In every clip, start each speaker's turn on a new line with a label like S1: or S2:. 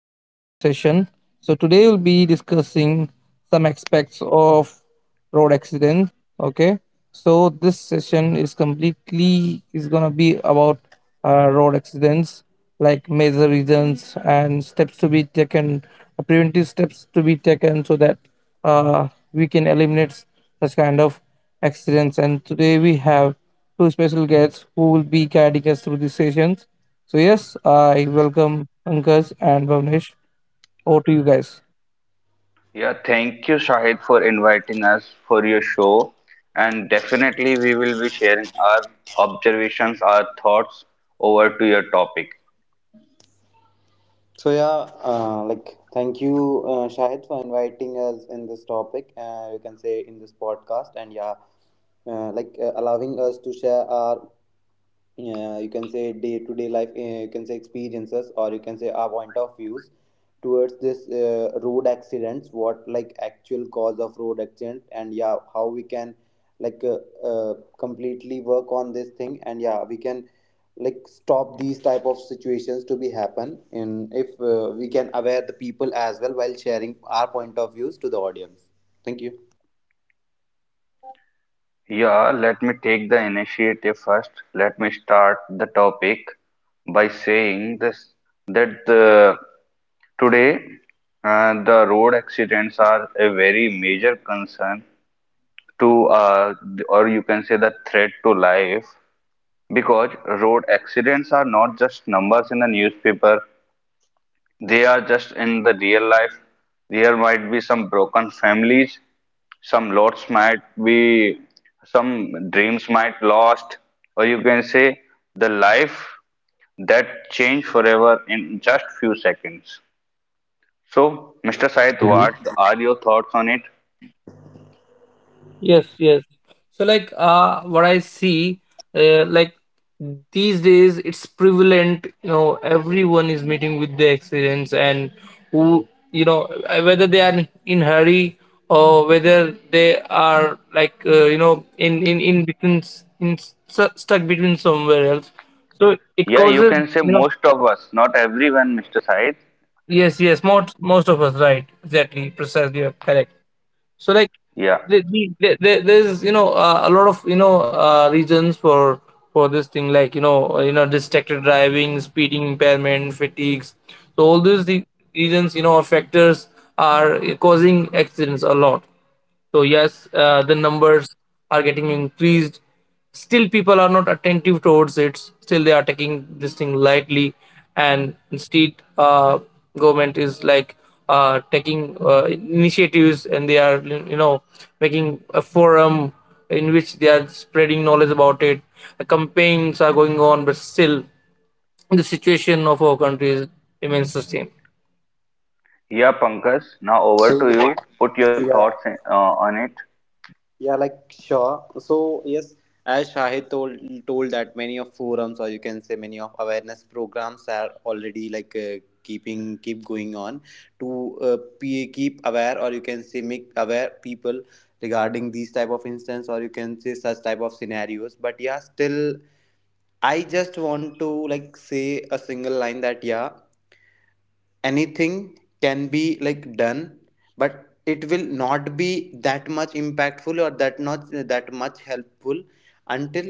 S1: podcast session. So, today we'll be discussing some aspects of road accidents. Okay, so this session is gonna be about road accidents, like major reasons and steps to be taken, preventive steps to be taken, so that we can eliminate such kind of accidents. And today we have two special guests who will be guiding us through these sessions. So, yes, I welcome Pankaj and Bhavnesh. Over to you guys.
S2: Yeah, thank you, Shahid, for inviting us for your show. And definitely, we will be sharing our observations, our thoughts over to your topic.
S3: Thank you, Shahid, for inviting us in this topic. You can say in this podcast, and allowing us to share our you can say day to day life, you can say experiences, or you can say our point of views towards this road accidents. What like actual cause of road accident, and yeah, how we can like uh, completely work on this thing, and yeah, we can like stop these type of situations to be happen, and if we can aware the people as well while sharing our point of views to the audience. Thank you.
S2: Yeah, let me take the initiative first. Let me start the topic by saying this that today the road accidents are a very major concern to, uh, or you can say, the threat to life, because road accidents are not just numbers in the newspaper. They are just in the real life. There might be some broken families, some lots might be, some dreams might lost, or you can say the life that changed forever in just few seconds. So, Mr. Said, what
S3: Mhm.
S2: are your thoughts on it?
S1: Yes, yes. So like what I see, like, these days it's prevalent, you know, everyone is meeting with the accidents. And who you know whether they are in hurry or whether they are like in between s- in stu- stuck between somewhere else. So it
S2: Yeah, you
S1: causes,
S2: can say
S1: you know.
S2: most of us, not everyone, Mr. Said.
S1: Yes, yes, most of us, right, exactly, precisely, you're correct. So like,
S2: Yeah.
S1: there's, a lot of, you know reasons for this thing like you know distracted driving, speeding, impairment, fatigues, so all these the reasons, you know, or factors, are causing accidents a lot. So yes, the numbers are getting increased. Still, people are not attentive towards it. Still, they are taking this thing lightly, and state, government is like taking initiatives, and they are, you know, making a forum in which they are spreading knowledge about it. Campaigns are going on, but still, the situation of our country remains the same.
S2: Yeah, Pankaj, now over
S3: so
S2: to you. Put your thoughts
S3: yeah
S2: in, on it.
S3: yeah like sure so yes, as Shahid told that many of forums or you can say many of awareness programs are already keeping keep going on to keep aware or you can say make aware people regarding these type of instance or you can say such type of scenarios, but yeah still I just want to like say a single line that yeah, anything can be like done, but it will not be that much impactful or that not that much helpful until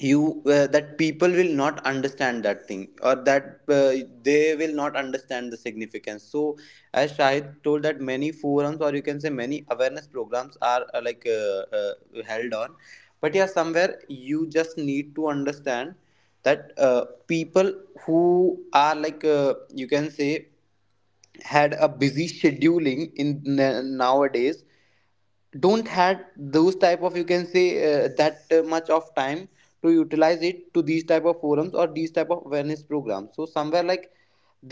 S3: you that people will not understand that thing or that they will not understand the significance. So as Shahid told that many forums or you can say many awareness programs are held on, but yeah somewhere you just need to understand that people who are like you can say had a busy scheduling in nowadays, don't had those type of you can say that much of time to utilize it to these type of forums or these type of awareness programs. So somewhere like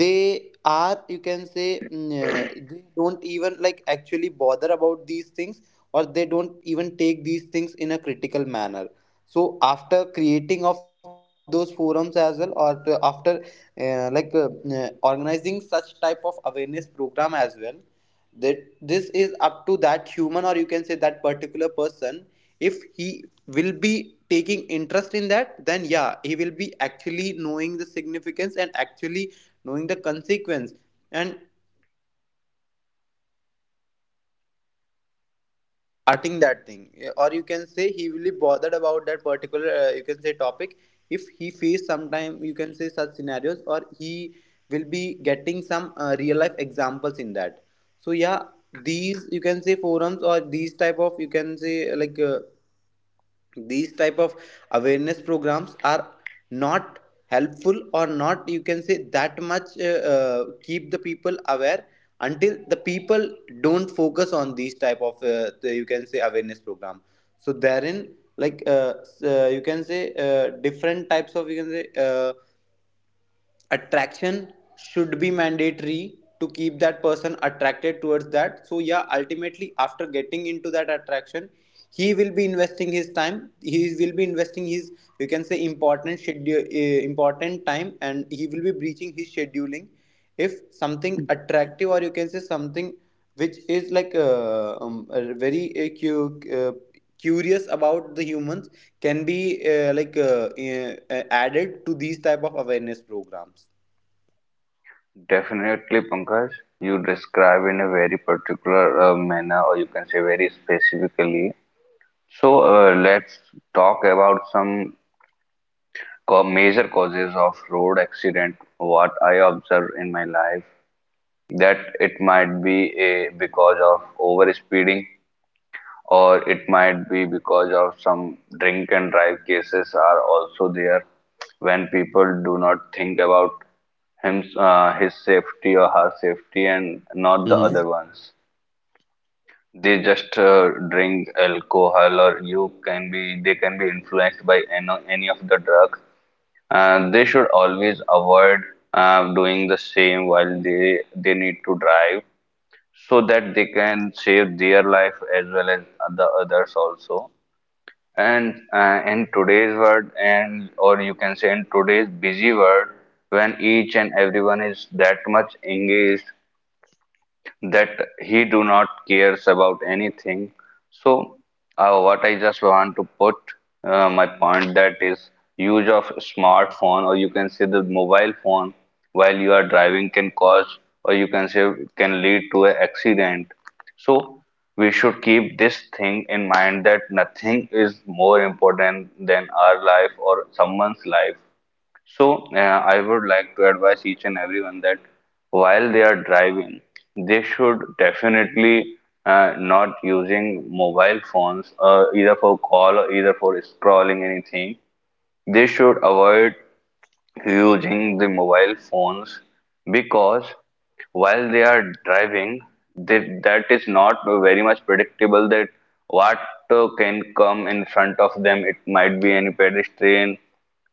S3: they are you can say they don't even like actually bother about these things or they don't even take these things in a critical manner. So after creating of those forums as well after organizing such type of awareness program as well, that this is up to that human or you can say that particular person. If he will be taking interest in that, then yeah, he will be actually knowing the significance and actually knowing the consequence, and that thing. Yeah, or you can say he will be bothered about that particular you can say topic if he face sometime you can say such scenarios, or he will be getting some real life examples in that. So yeah, these you can say forums or these type of you can say these type of awareness programs are not helpful or not you can say that much keep the people aware until the people don't focus on these type of you can say awareness program. So therein you can say different types of you can say attraction should be mandatory to keep that person attracted towards that. So yeah, ultimately after getting into that attraction, he will be investing his time, he will be investing his you can say important schedule, important time, and he will be breaching his scheduling if something attractive or you can say something which is very curious about the humans, can be added to these type of awareness programs.
S2: Definitely, Pankaj, you describe in a very particular manner, or you can say very specifically. So, let's talk about some major causes of road accident. What I observe in my life, that it might be a because of over speeding, or it might be because of some drink and drive cases are also there when people do not think about him his safety or her safety, and not the
S3: Mm-hmm.
S2: other ones. They just drink alcohol, or you can be they can be influenced by any of the drugs. They should always avoid doing the same while they need to drive, so that they can save their life as well as the others also. And in today's world, and or you can say in today's busy world, when each and everyone is that much engaged that he do not cares about anything. So what I just want to put my point, that is, use of smartphone or you can say the mobile phone while you are driving can cause or you can say can lead to an accident. So we should keep this thing in mind, that nothing is more important than our life or someone's life. So, I would like to advise each and everyone that while they are driving, they should definitely not using mobile phones, either for call or either for scrolling anything. They should avoid using the mobile phones because while they are driving, that is not very much predictable that what can come in front of them. It might be any pedestrian,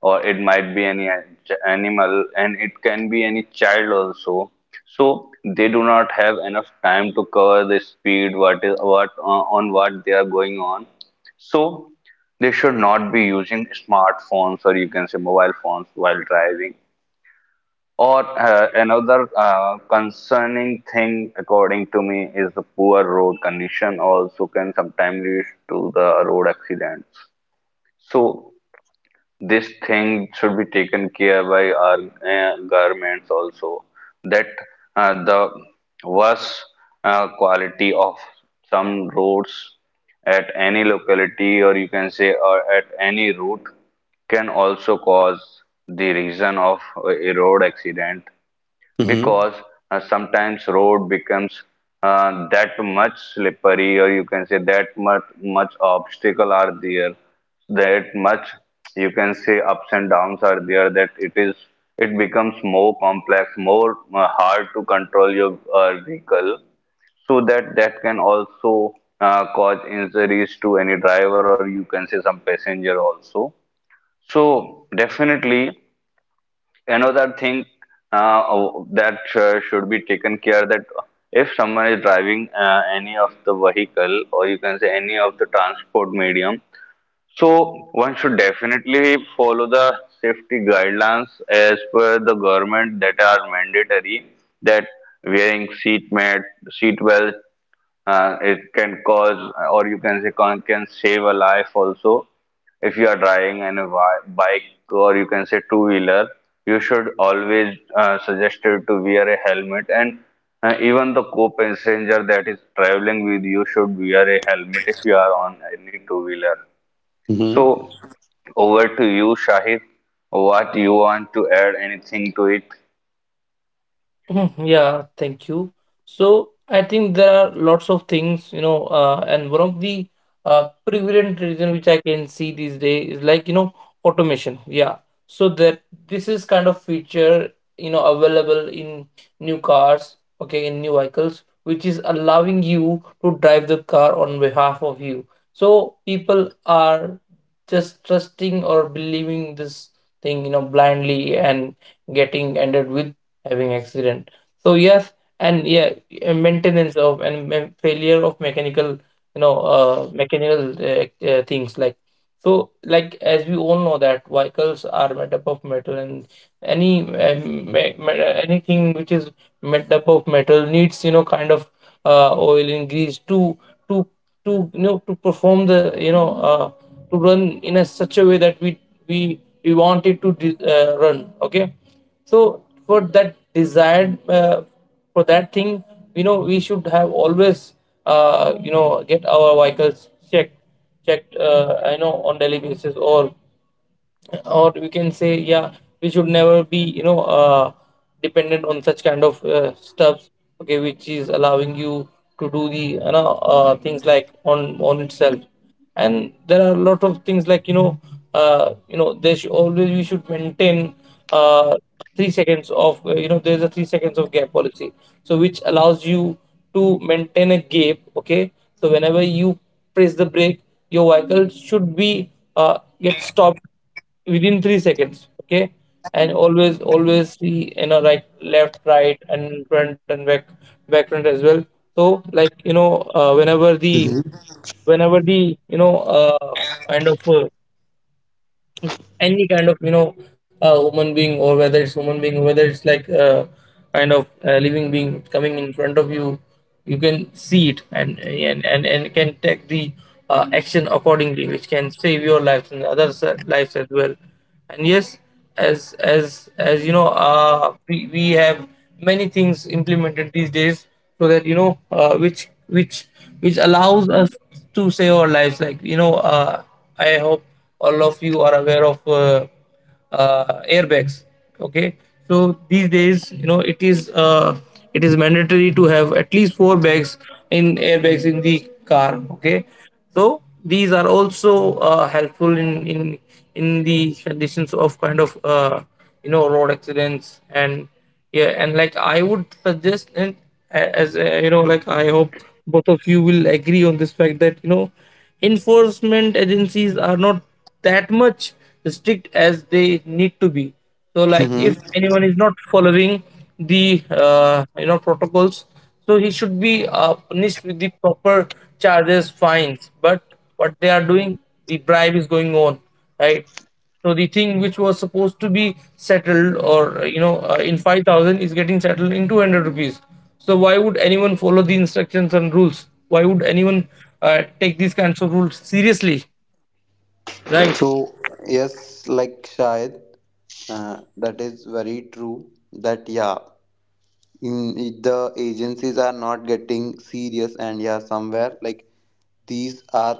S2: or it might be animal, and it can be any child also. So they do not have enough time to cover the speed, what on what they are going on. So they should not be using smartphones or you can say mobile phones while driving. Or another concerning thing, according to me, is the poor road condition also can sometimes lead to the road accidents. So this thing should be taken care by our governments also, that the worse quality of some roads at any locality or you can say or at any route can also cause the reason of a road accident,
S3: Mm-hmm.
S2: because sometimes road becomes that much slippery, or you can say that much obstacle are there, that much you can say ups and downs are there, that it becomes more complex, more hard to control your vehicle. So that can also cause injuries to any driver or you can say some passenger also. So definitely, another thing, oh, that should be taken care, that if someone is driving any of the vehicle or you can say any of the transport medium, so one should definitely follow the safety guidelines as per the government that are mandatory, that wearing seat belt, it can cause, or you can say, can save a life also. If you are driving in a bike or you can say two wheeler, you should always suggested to wear a helmet, and even the co-passenger that is traveling with you should wear a helmet if you are on any two wheeler.
S3: Mm-hmm.
S2: So, over to you, Shahid. What you want to add anything to it?
S1: Mhm. Yeah, thank you. So I think there are lots of things, you know, and one of the prevalent reason which I can see these days is, like, you know, automation. Yeah. So that this is kind of feature, you know, available in new cars, okay, in new vehicles, which is allowing you to drive the car on behalf of you. So people are just trusting or believing this thing, you know, blindly, and getting ended with having accident. So yes. And yeah, maintenance of and failure of mechanical, you know, mechanical, uh, things like, so like as we all know that vehicles are made up of metal, and any, anything which is made up of metal needs, you know, kind of oil and grease to to you know, to perform the, to run in a such a way that we want it to run. Okay, so for that desired, for that thing, you know, we should have always you know, get our vehicles checked you know, on daily basis, or we can say, yeah, we should never be, dependent on such kind of stuffs, okay, which is allowing you to do the, things like on itself. And there are a lot of things like, you know, you know, there should always, we should maintain uh, 3 seconds of, you know, there's a 3 seconds of gap policy, so which allows you to maintain a gap. Okay, so whenever you press the brake, your vehicle should be get stopped within 3 seconds. Okay, and always, always see, you know, right, left, right, and front and back, back front as well. So like, you know, whenever the,
S3: Mm-hmm.
S1: whenever the, kind of, any kind of, you know, human being, or whether it's human being, whether it's like, kind of, living being coming in front of you, you can see it and and can take the action accordingly, which can save your lives and others lives as well. And yes, as you know, we have many things implemented these days, so that, you know, which allows us to save our lives, like, you know, I hope all of you are aware of airbags. Okay, so these days, you know, it is mandatory to have at least four bags in airbags in the car. Okay, so these are also helpful in in the conditions of kind of, you know, road accidents. And yeah, and like, I would suggest. And as, you know, like, I hope both of you will agree on this fact that, you know, enforcement agencies are not that much strict as they need to be. So, like, if
S3: Mm-hmm.
S1: anyone is not following the you know, protocols, so he should be punished with the proper charges, fines, but what they are doing, the bribe is going on, right? So the thing which was supposed to be settled or, in 5000, is getting settled in 200 rupees. So why would anyone follow the instructions and rules? Why would anyone take these kinds of rules seriously? Right.
S3: So yes, like Shayad, that is very true that yeah, in the agencies are not getting serious, and yeah somewhere like these are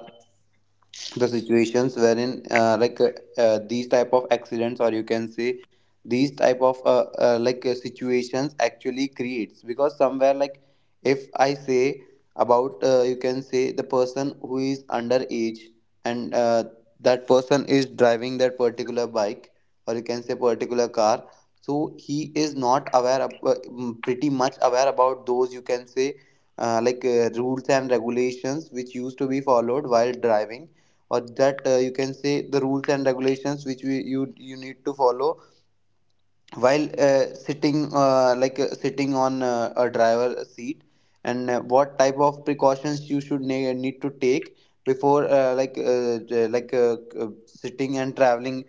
S3: the situations wherein these type of accidents or you can say these type of situations actually creates. Because somewhere like if I say about you can say the person who is underage, and that person is driving that particular bike or you can say particular car, so he is not aware of, pretty much aware about those you can say rules and regulations which used to be followed while driving, or that you can say the rules and regulations which you you need to follow while sitting on a driver seat, and what type of precautions you should need to take before sitting and traveling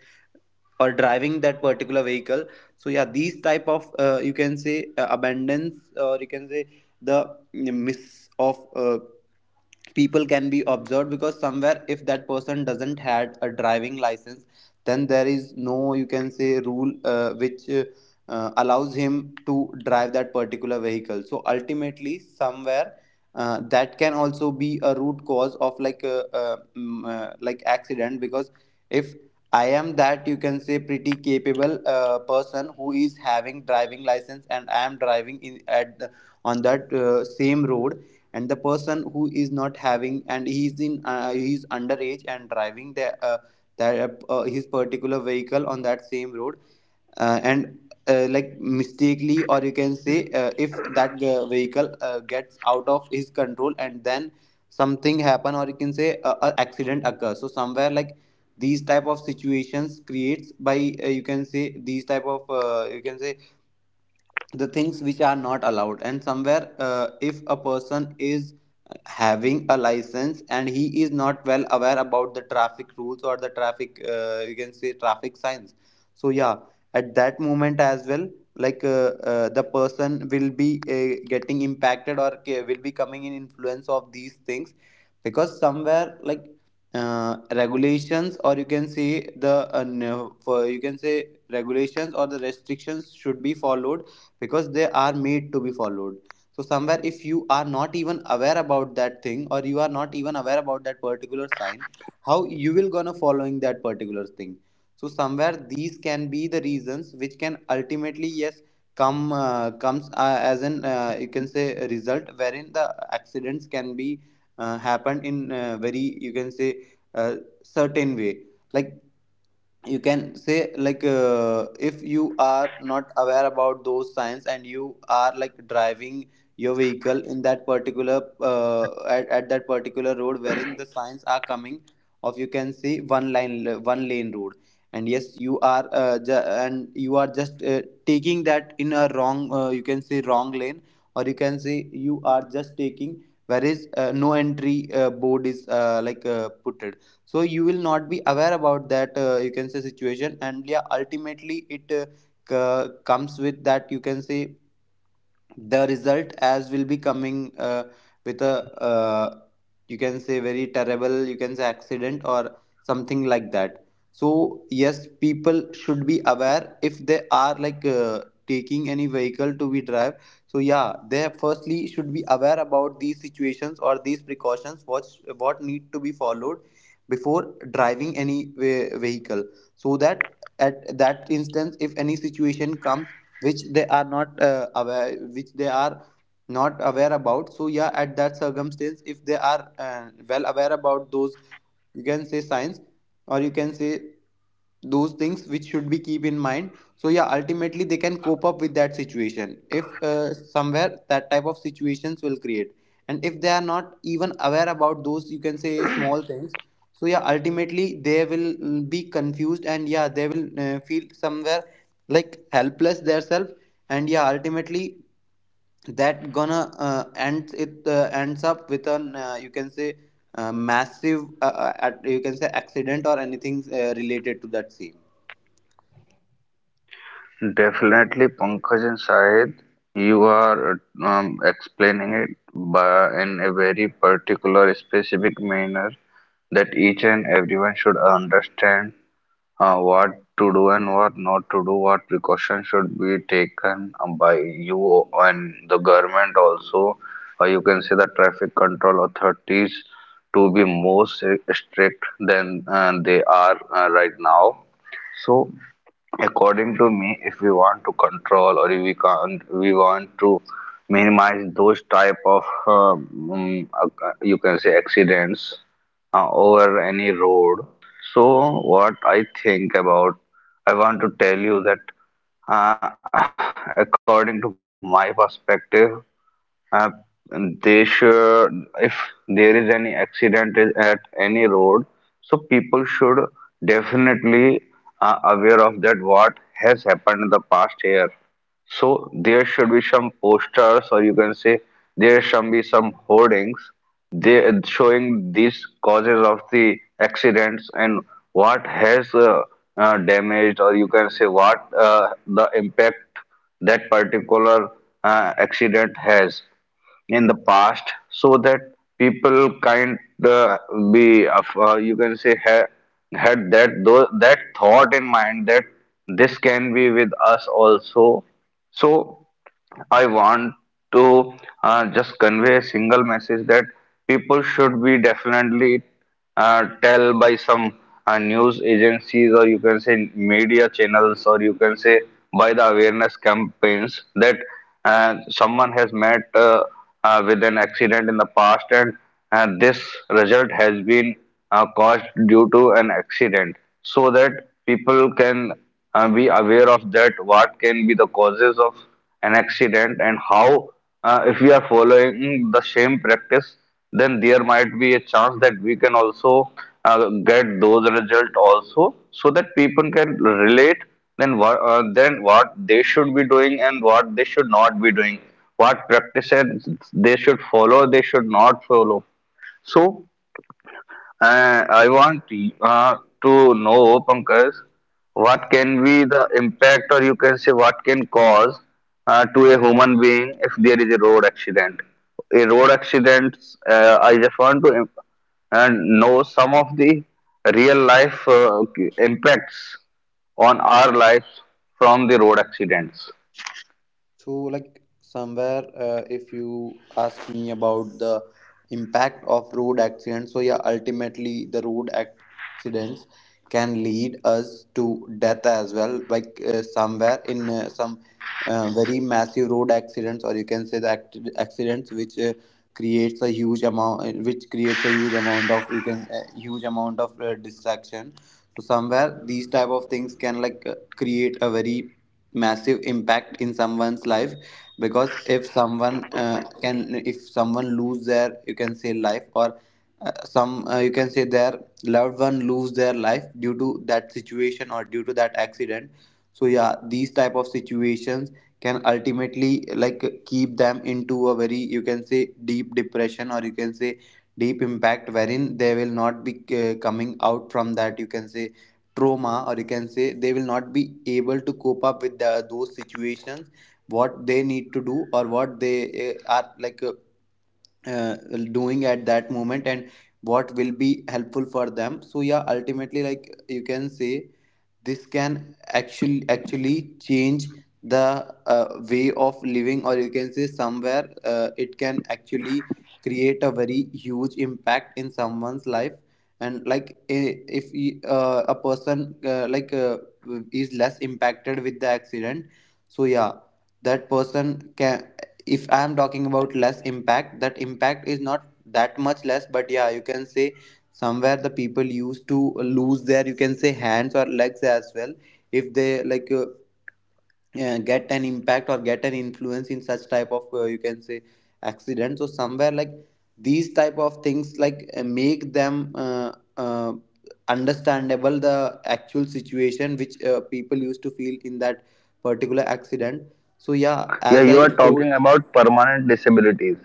S3: or driving that particular vehicle. So yeah, these type of you can say abundance or you can say the miss of people can be observed, because somewhere if that person doesn't had a driving license, then there is no you can say rule which allows him to drive that particular vehicle. So ultimately somewhere, that can also be a root cause of accident. Because if I am that you can say pretty capable person who is having driving license, and I am driving on that same road, and the person who is not having, and he is underage and driving the that his particular vehicle on that same road, and like mistakenly or you can say if that vehicle gets out of his control, and then something happen or you can say a accident occurs. So somewhere like these type of situations creates by you can say these type of you can say the things which are not allowed. And somewhere if a person is having a license and he is not well aware about the traffic rules or the traffic you can say traffic signs, so yeah at that moment as well the person will be getting impacted will be coming in influence of these things. Because somewhere like regulations or you can say the no- for you can say regulations or the restrictions should be followed, because they are made to be followed. So somewhere if you are not even aware about that thing, or you are not even aware about that particular sign, how you will gonna following that particular thing? So somewhere these can be the reasons which can ultimately yes come comes as an you can say a result wherein the accidents can be happened in very you can say uh, certain way. Like you can say if you are not aware about those signs and you are like driving your vehicle in that particular at that particular road wherein the signs are coming of you can see one line one lane road, and yes you are and you are just taking that in a wrong you can say wrong lane, or you can say you are just taking where is no entry board is put. So you will not be aware about that you can say situation, and yeah ultimately it comes with that you can say the result as will be coming with a uh, you can say very terrible you can say accident or something like that. So yes, people should be aware if they are taking any vehicle to be drive. So yeah, they firstly should be aware about these situations or these precautions what need to be followed before driving any vehicle. So that at that instance, if any situation comes which they are not aware, which they are not aware about, so yeah at that circumstance, if they are well aware about those you can say signs or you can say those things which should be keep in mind, so yeah ultimately they can cope up with that situation if somewhere that type of situations will create. And if they are not even aware about those you can say small things, so yeah ultimately they will be confused, and yeah they will feel somewhere like helpless themselves. And yeah, ultimately that gonna ends up with an you can say massive you can say accident or anything related to that scene.
S2: Definitely, Pankaj and Shahid, you are explaining it by, in a very particular, specific manner that each and everyone should understand what to do and what not to do, what precautions should be taken, by you and the government also, or you can say the traffic control authorities, to be more strict than they are right now. So, according to me, if we want to control, or if we can't we want to minimize those type of you can say accidents over any road. So what I think about I want to tell you that uh, according to my perspective, uh, they should, if there is any accident is at any road, so people should definitely aware of that what has happened in the past year. So there should be some posters, or you can say there should be some hoardings, showing these causes of the accidents, and what has damaged, or you can say what the impact that particular accident has in the past, so that people kind, uh, be, you can say had that that thought in mind, that this can be with us also. So I want to just convey a single message that people should be definitely tell by some news agencies or you can say media channels or you can say by the awareness campaigns that someone has met with an accident in the past, and this result has been caused due to an accident, so that people can be aware of that, what can be the causes of an accident, and how, if we are following the same practice, then there might be a chance that we can also get those results also, so that people can relate then what, then what they should be doing and what they should not be doing, what practices they should follow, they should not follow. So I want uh, to know, Pankaj, what can be the impact, or you can say what can cause to a human being if there is a road accident. A road accident, I just want to know some of the real life impacts on our lives from the road accidents.
S3: So, like somewhere, if you ask me about the impact of road accidents, so yeah, ultimately the road accidents can lead us to death as well. Like somewhere in some very massive road accidents, or you can say the accidents which creates a huge amount, which creates a huge amount of you can huge amount of distraction. So somewhere these type of things can create a very massive impact in someone's life because if someone can if someone lose their you can say life or some you can say their loved one lose their life due to that situation or due to that accident. So yeah, these type of situations can ultimately like keep them into a very you can say deep depression or you can say deep impact wherein they will not be coming out from that you can say trauma, or you can say they will not be able to cope up with those situations what they need to do or what they are like uh, doing at that moment, and what will be helpful for them. So yeah, ultimately like you can say this can actually change the way of living, or you can say somewhere it can actually create a very huge impact in someone's life. And like I- if y- a person is less impacted with the accident. So yeah, that person can, if I am talking about less impact, that impact is not that much less, but yeah, you can say somewhere the people used to lose their you can say hands or legs as well if they get an impact or get an influence in such type of you can say accident. So somewhere like these type of things make them uh, understandable the actual situation which people used to feel in that particular accident. So yeah,
S2: Yeah,
S3: as
S2: you
S3: I
S2: are talking
S3: told,
S2: about permanent disabilities,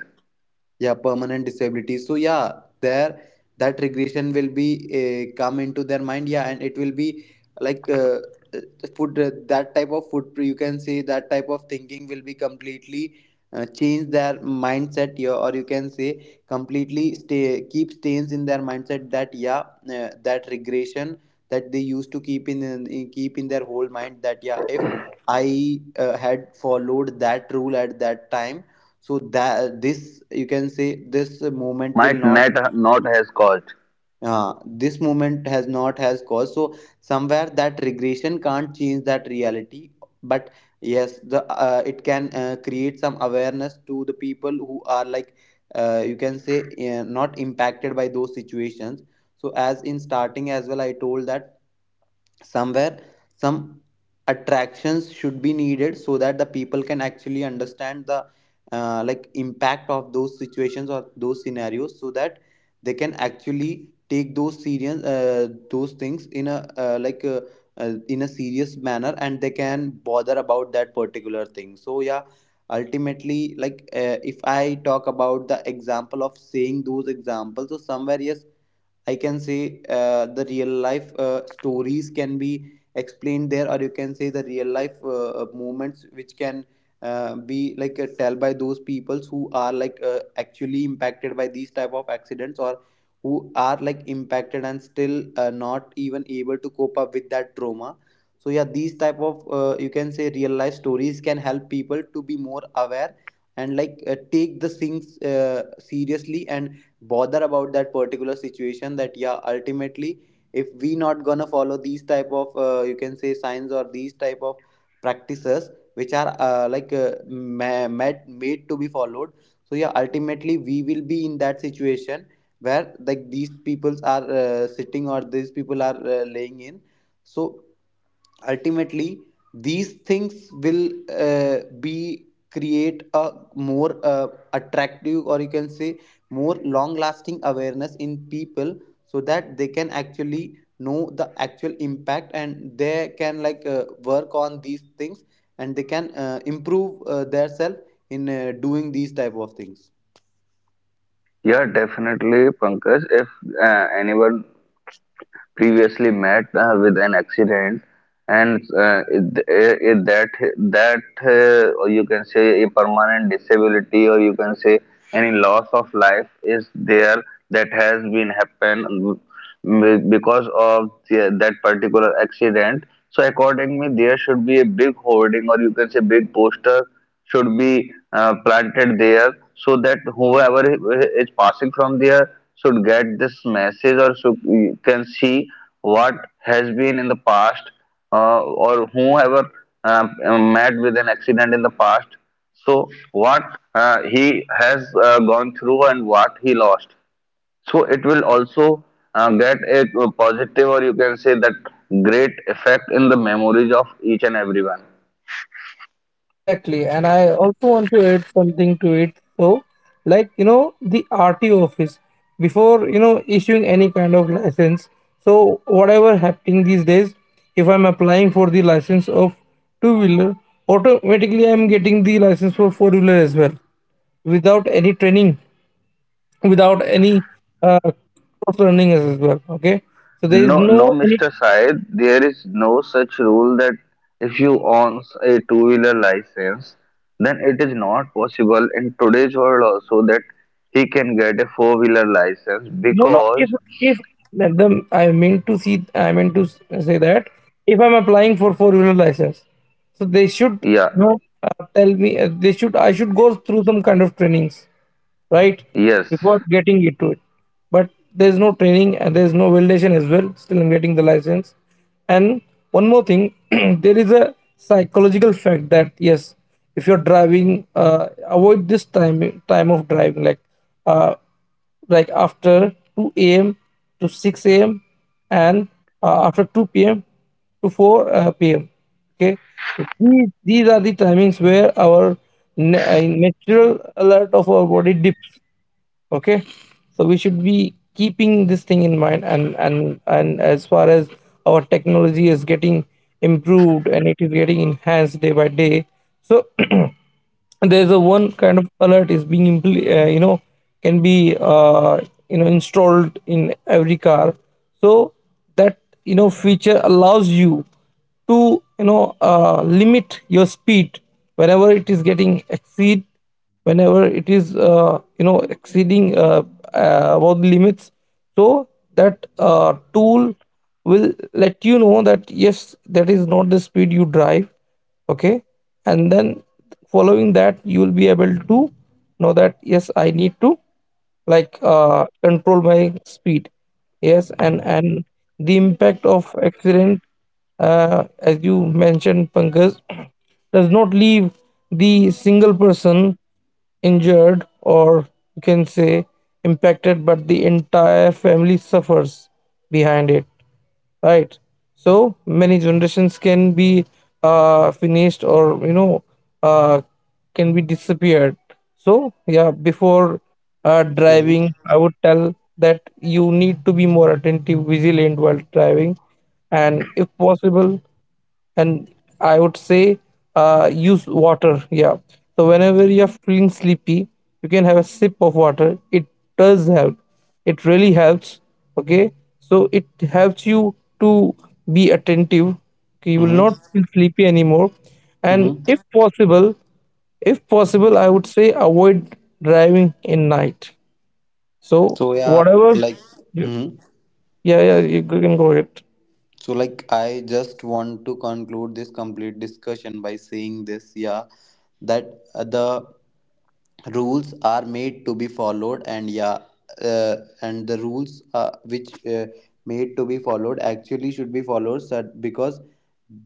S3: yeah, permanent disability. So yeah, there, that regression will be come into their mind, yeah, and it will be like uh, food that type of foot. You can say that type of thinking will be completely change their mindset, yeah, or you can say completely stay keep stains in their mindset that yeah, that regression that they used to keep in keep in their whole mind, that yeah, if I had followed that rule at that time, so that this you can say this movement
S2: might
S3: will not,
S2: not has caused.
S3: this movement has not has caused. So somewhere that regression can't change that reality, but yes, the it can create some awareness to the people who are you can say not impacted by those situations. So as in starting as well I told that somewhere some attractions should be needed so that the people can actually understand the impact of those situations or those scenarios, so that they can actually take those serious those things in a in a serious manner, and they can bother about that particular thing. So yeah, ultimately if I talk about the example of saying those examples, so somewhere yes, I can say the real life stories can be explained there, or you can say the real life moments which can be like tell by those peoples who are actually impacted by these type of accidents, or who are like impacted and still not even able to cope up with that trauma. So yeah, these type of you can say real life stories can help people to be more aware and take the things seriously and bother about that particular situation, that yeah, ultimately if we not gonna follow these type of you can say signs or these type of practices which are made to be followed. So yeah, ultimately we will be in that situation where like these peoples are sitting, or these people are laying in. So ultimately these things will be create a more attractive, or you can say more long lasting awareness in people, so that they can actually know the actual impact and they can work on these things and they can improve themselves in doing these type of things.
S2: Yeah, definitely, Pankaj. If anyone previously met with an accident, and it, it, that that or you can say a permanent disability, or you can say any loss of life is there, that has been happened because of that particular accident. So accordingly, there should be a big hoarding, or you can say big poster should be planted there, so that whoever is passing from there should get this message, or can see what has been in the past, or whoever uh, met with an accident in the past. So, what he has gone through and what he lost. So, it will also get a positive or you can say that great effect in the memories of each and everyone.
S1: Exactly, and I also want to add something to it. So, like, you know, the RTO office, before, you know, issuing any kind of license. So, whatever happening these days, if I'm applying for the license of two wheeler, automatically I'm getting the license for four wheeler as well, without any training, without any cross learning as well. Okay, so there is
S2: No, no,
S1: no any.
S2: Mr. Syed, there is no such rule that if you own a two-wheeler license, then it is not possible in today's world also that he can get a four-wheeler license
S1: No, no.
S2: because,
S1: If the I mean to see, say that if I'm applying for four wheeler license, so they
S2: yeah,
S1: should, you know, tell me they should, I should go through some kind of trainings, right?
S2: yes.
S1: Before getting into it. But there's no training and there's no validation as well. Still, I'm getting the license. And one more thing, there is a psychological fact that yes, if you're driving, avoid this time of driving, uh, like after 2 a.m. to 6 a.m., and after 2 p.m. to 4 p.m. Okay, so these are the timings where our natural alert of our body dips. Okay, so we should be keeping this thing in mind. And as far as our technology is getting improved and it is getting enhanced day by day, so there's a one kind of alert is being you know, can be, you know, installed in every car, so that, you know, feature allows you to, you know, limit your speed whenever it is getting exceed, whenever it is, exceeding, about the limits. So that tool will let you know that yes, that is not the speed you drive. Okay, and then following that, you will be able to know that yes, I need to, control my speed. Yes. And the impact of accident, as you mentioned, Pankaj, does not leave the single person injured or, you can say, impacted, but the entire family suffers behind it, right? So many generations can be finished, or, you know, uh can be disappeared. So yeah, before
S3: Mm-hmm.
S1: driving, I would tell that you need to be more attentive, vigilant while driving. And if possible, and I would say, use water. Yeah. So whenever you're feeling sleepy, you can have a sip of water. It does help. It really helps. Okay. So it helps you to be attentive. Okay, you will
S3: Mm-hmm.
S1: not feel sleepy anymore. And
S3: Mm-hmm.
S1: if possible, I would say avoid driving in night. So
S3: So yeah,
S1: whatever.
S3: like.
S1: Yeah,
S3: Mhm.
S1: yeah, you can go ahead.
S3: So like, I just want to conclude this complete discussion by saying this, yeah, that the rules are made to be followed, and yeah, uh, and the rules which made to be followed actually should be followed, so- because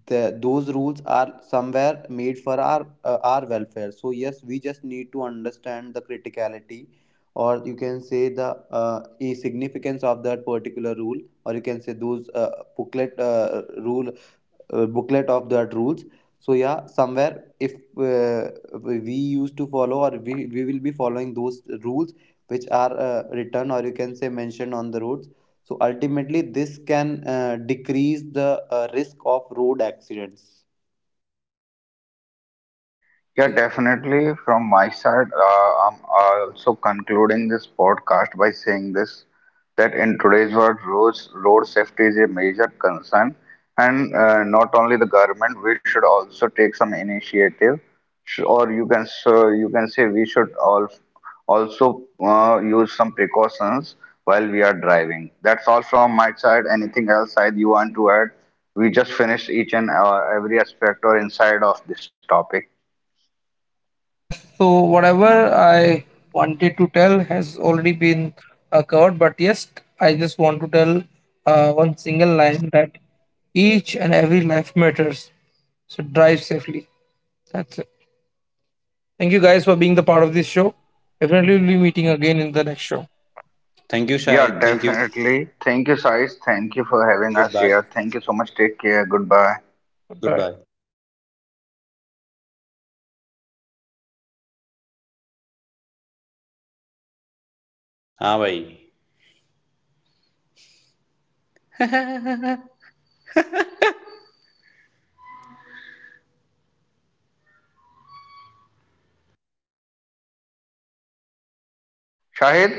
S3: those rules are somewhere made for our welfare. So yes, we just need to understand the criticality, or you can say the significance of that particular rule, or you can say those booklet uh, rule booklet of that rules. So yeah, somewhere if uh, we used to follow, or we will be following those rules which are written or you can say mentioned on the roads, so ultimately this can decrease the risk of road accidents.
S1: Exactly.
S2: Definitely, from my side, I'm also concluding this podcast by saying this, that in today's world, road safety is a major concern. And not only the government, we should also take some initiative, or you can so you can say we should all also use some precautions while we are driving. That's all from my side. Anything else side you want to add? We just finished each and every aspect or inside of this topic.
S1: Yes, so whatever I wanted to tell has already been covered, but yes, I just want to tell one single line that each and every life matters. So drive safely. That's it. Thank you guys for being the part of this show. Definitely we'll be meeting again in the next show.
S3: Thank you
S2: Yeah,
S3: Shahid, thank you.
S2: definitely. Thank you, Saiz. Thank you for having
S3: good
S2: us
S3: bye.
S2: here. Thank you so much. Take care. Goodbye.
S3: Good
S1: Bye.
S3: Bye. हाँ भाई.
S2: Shahid?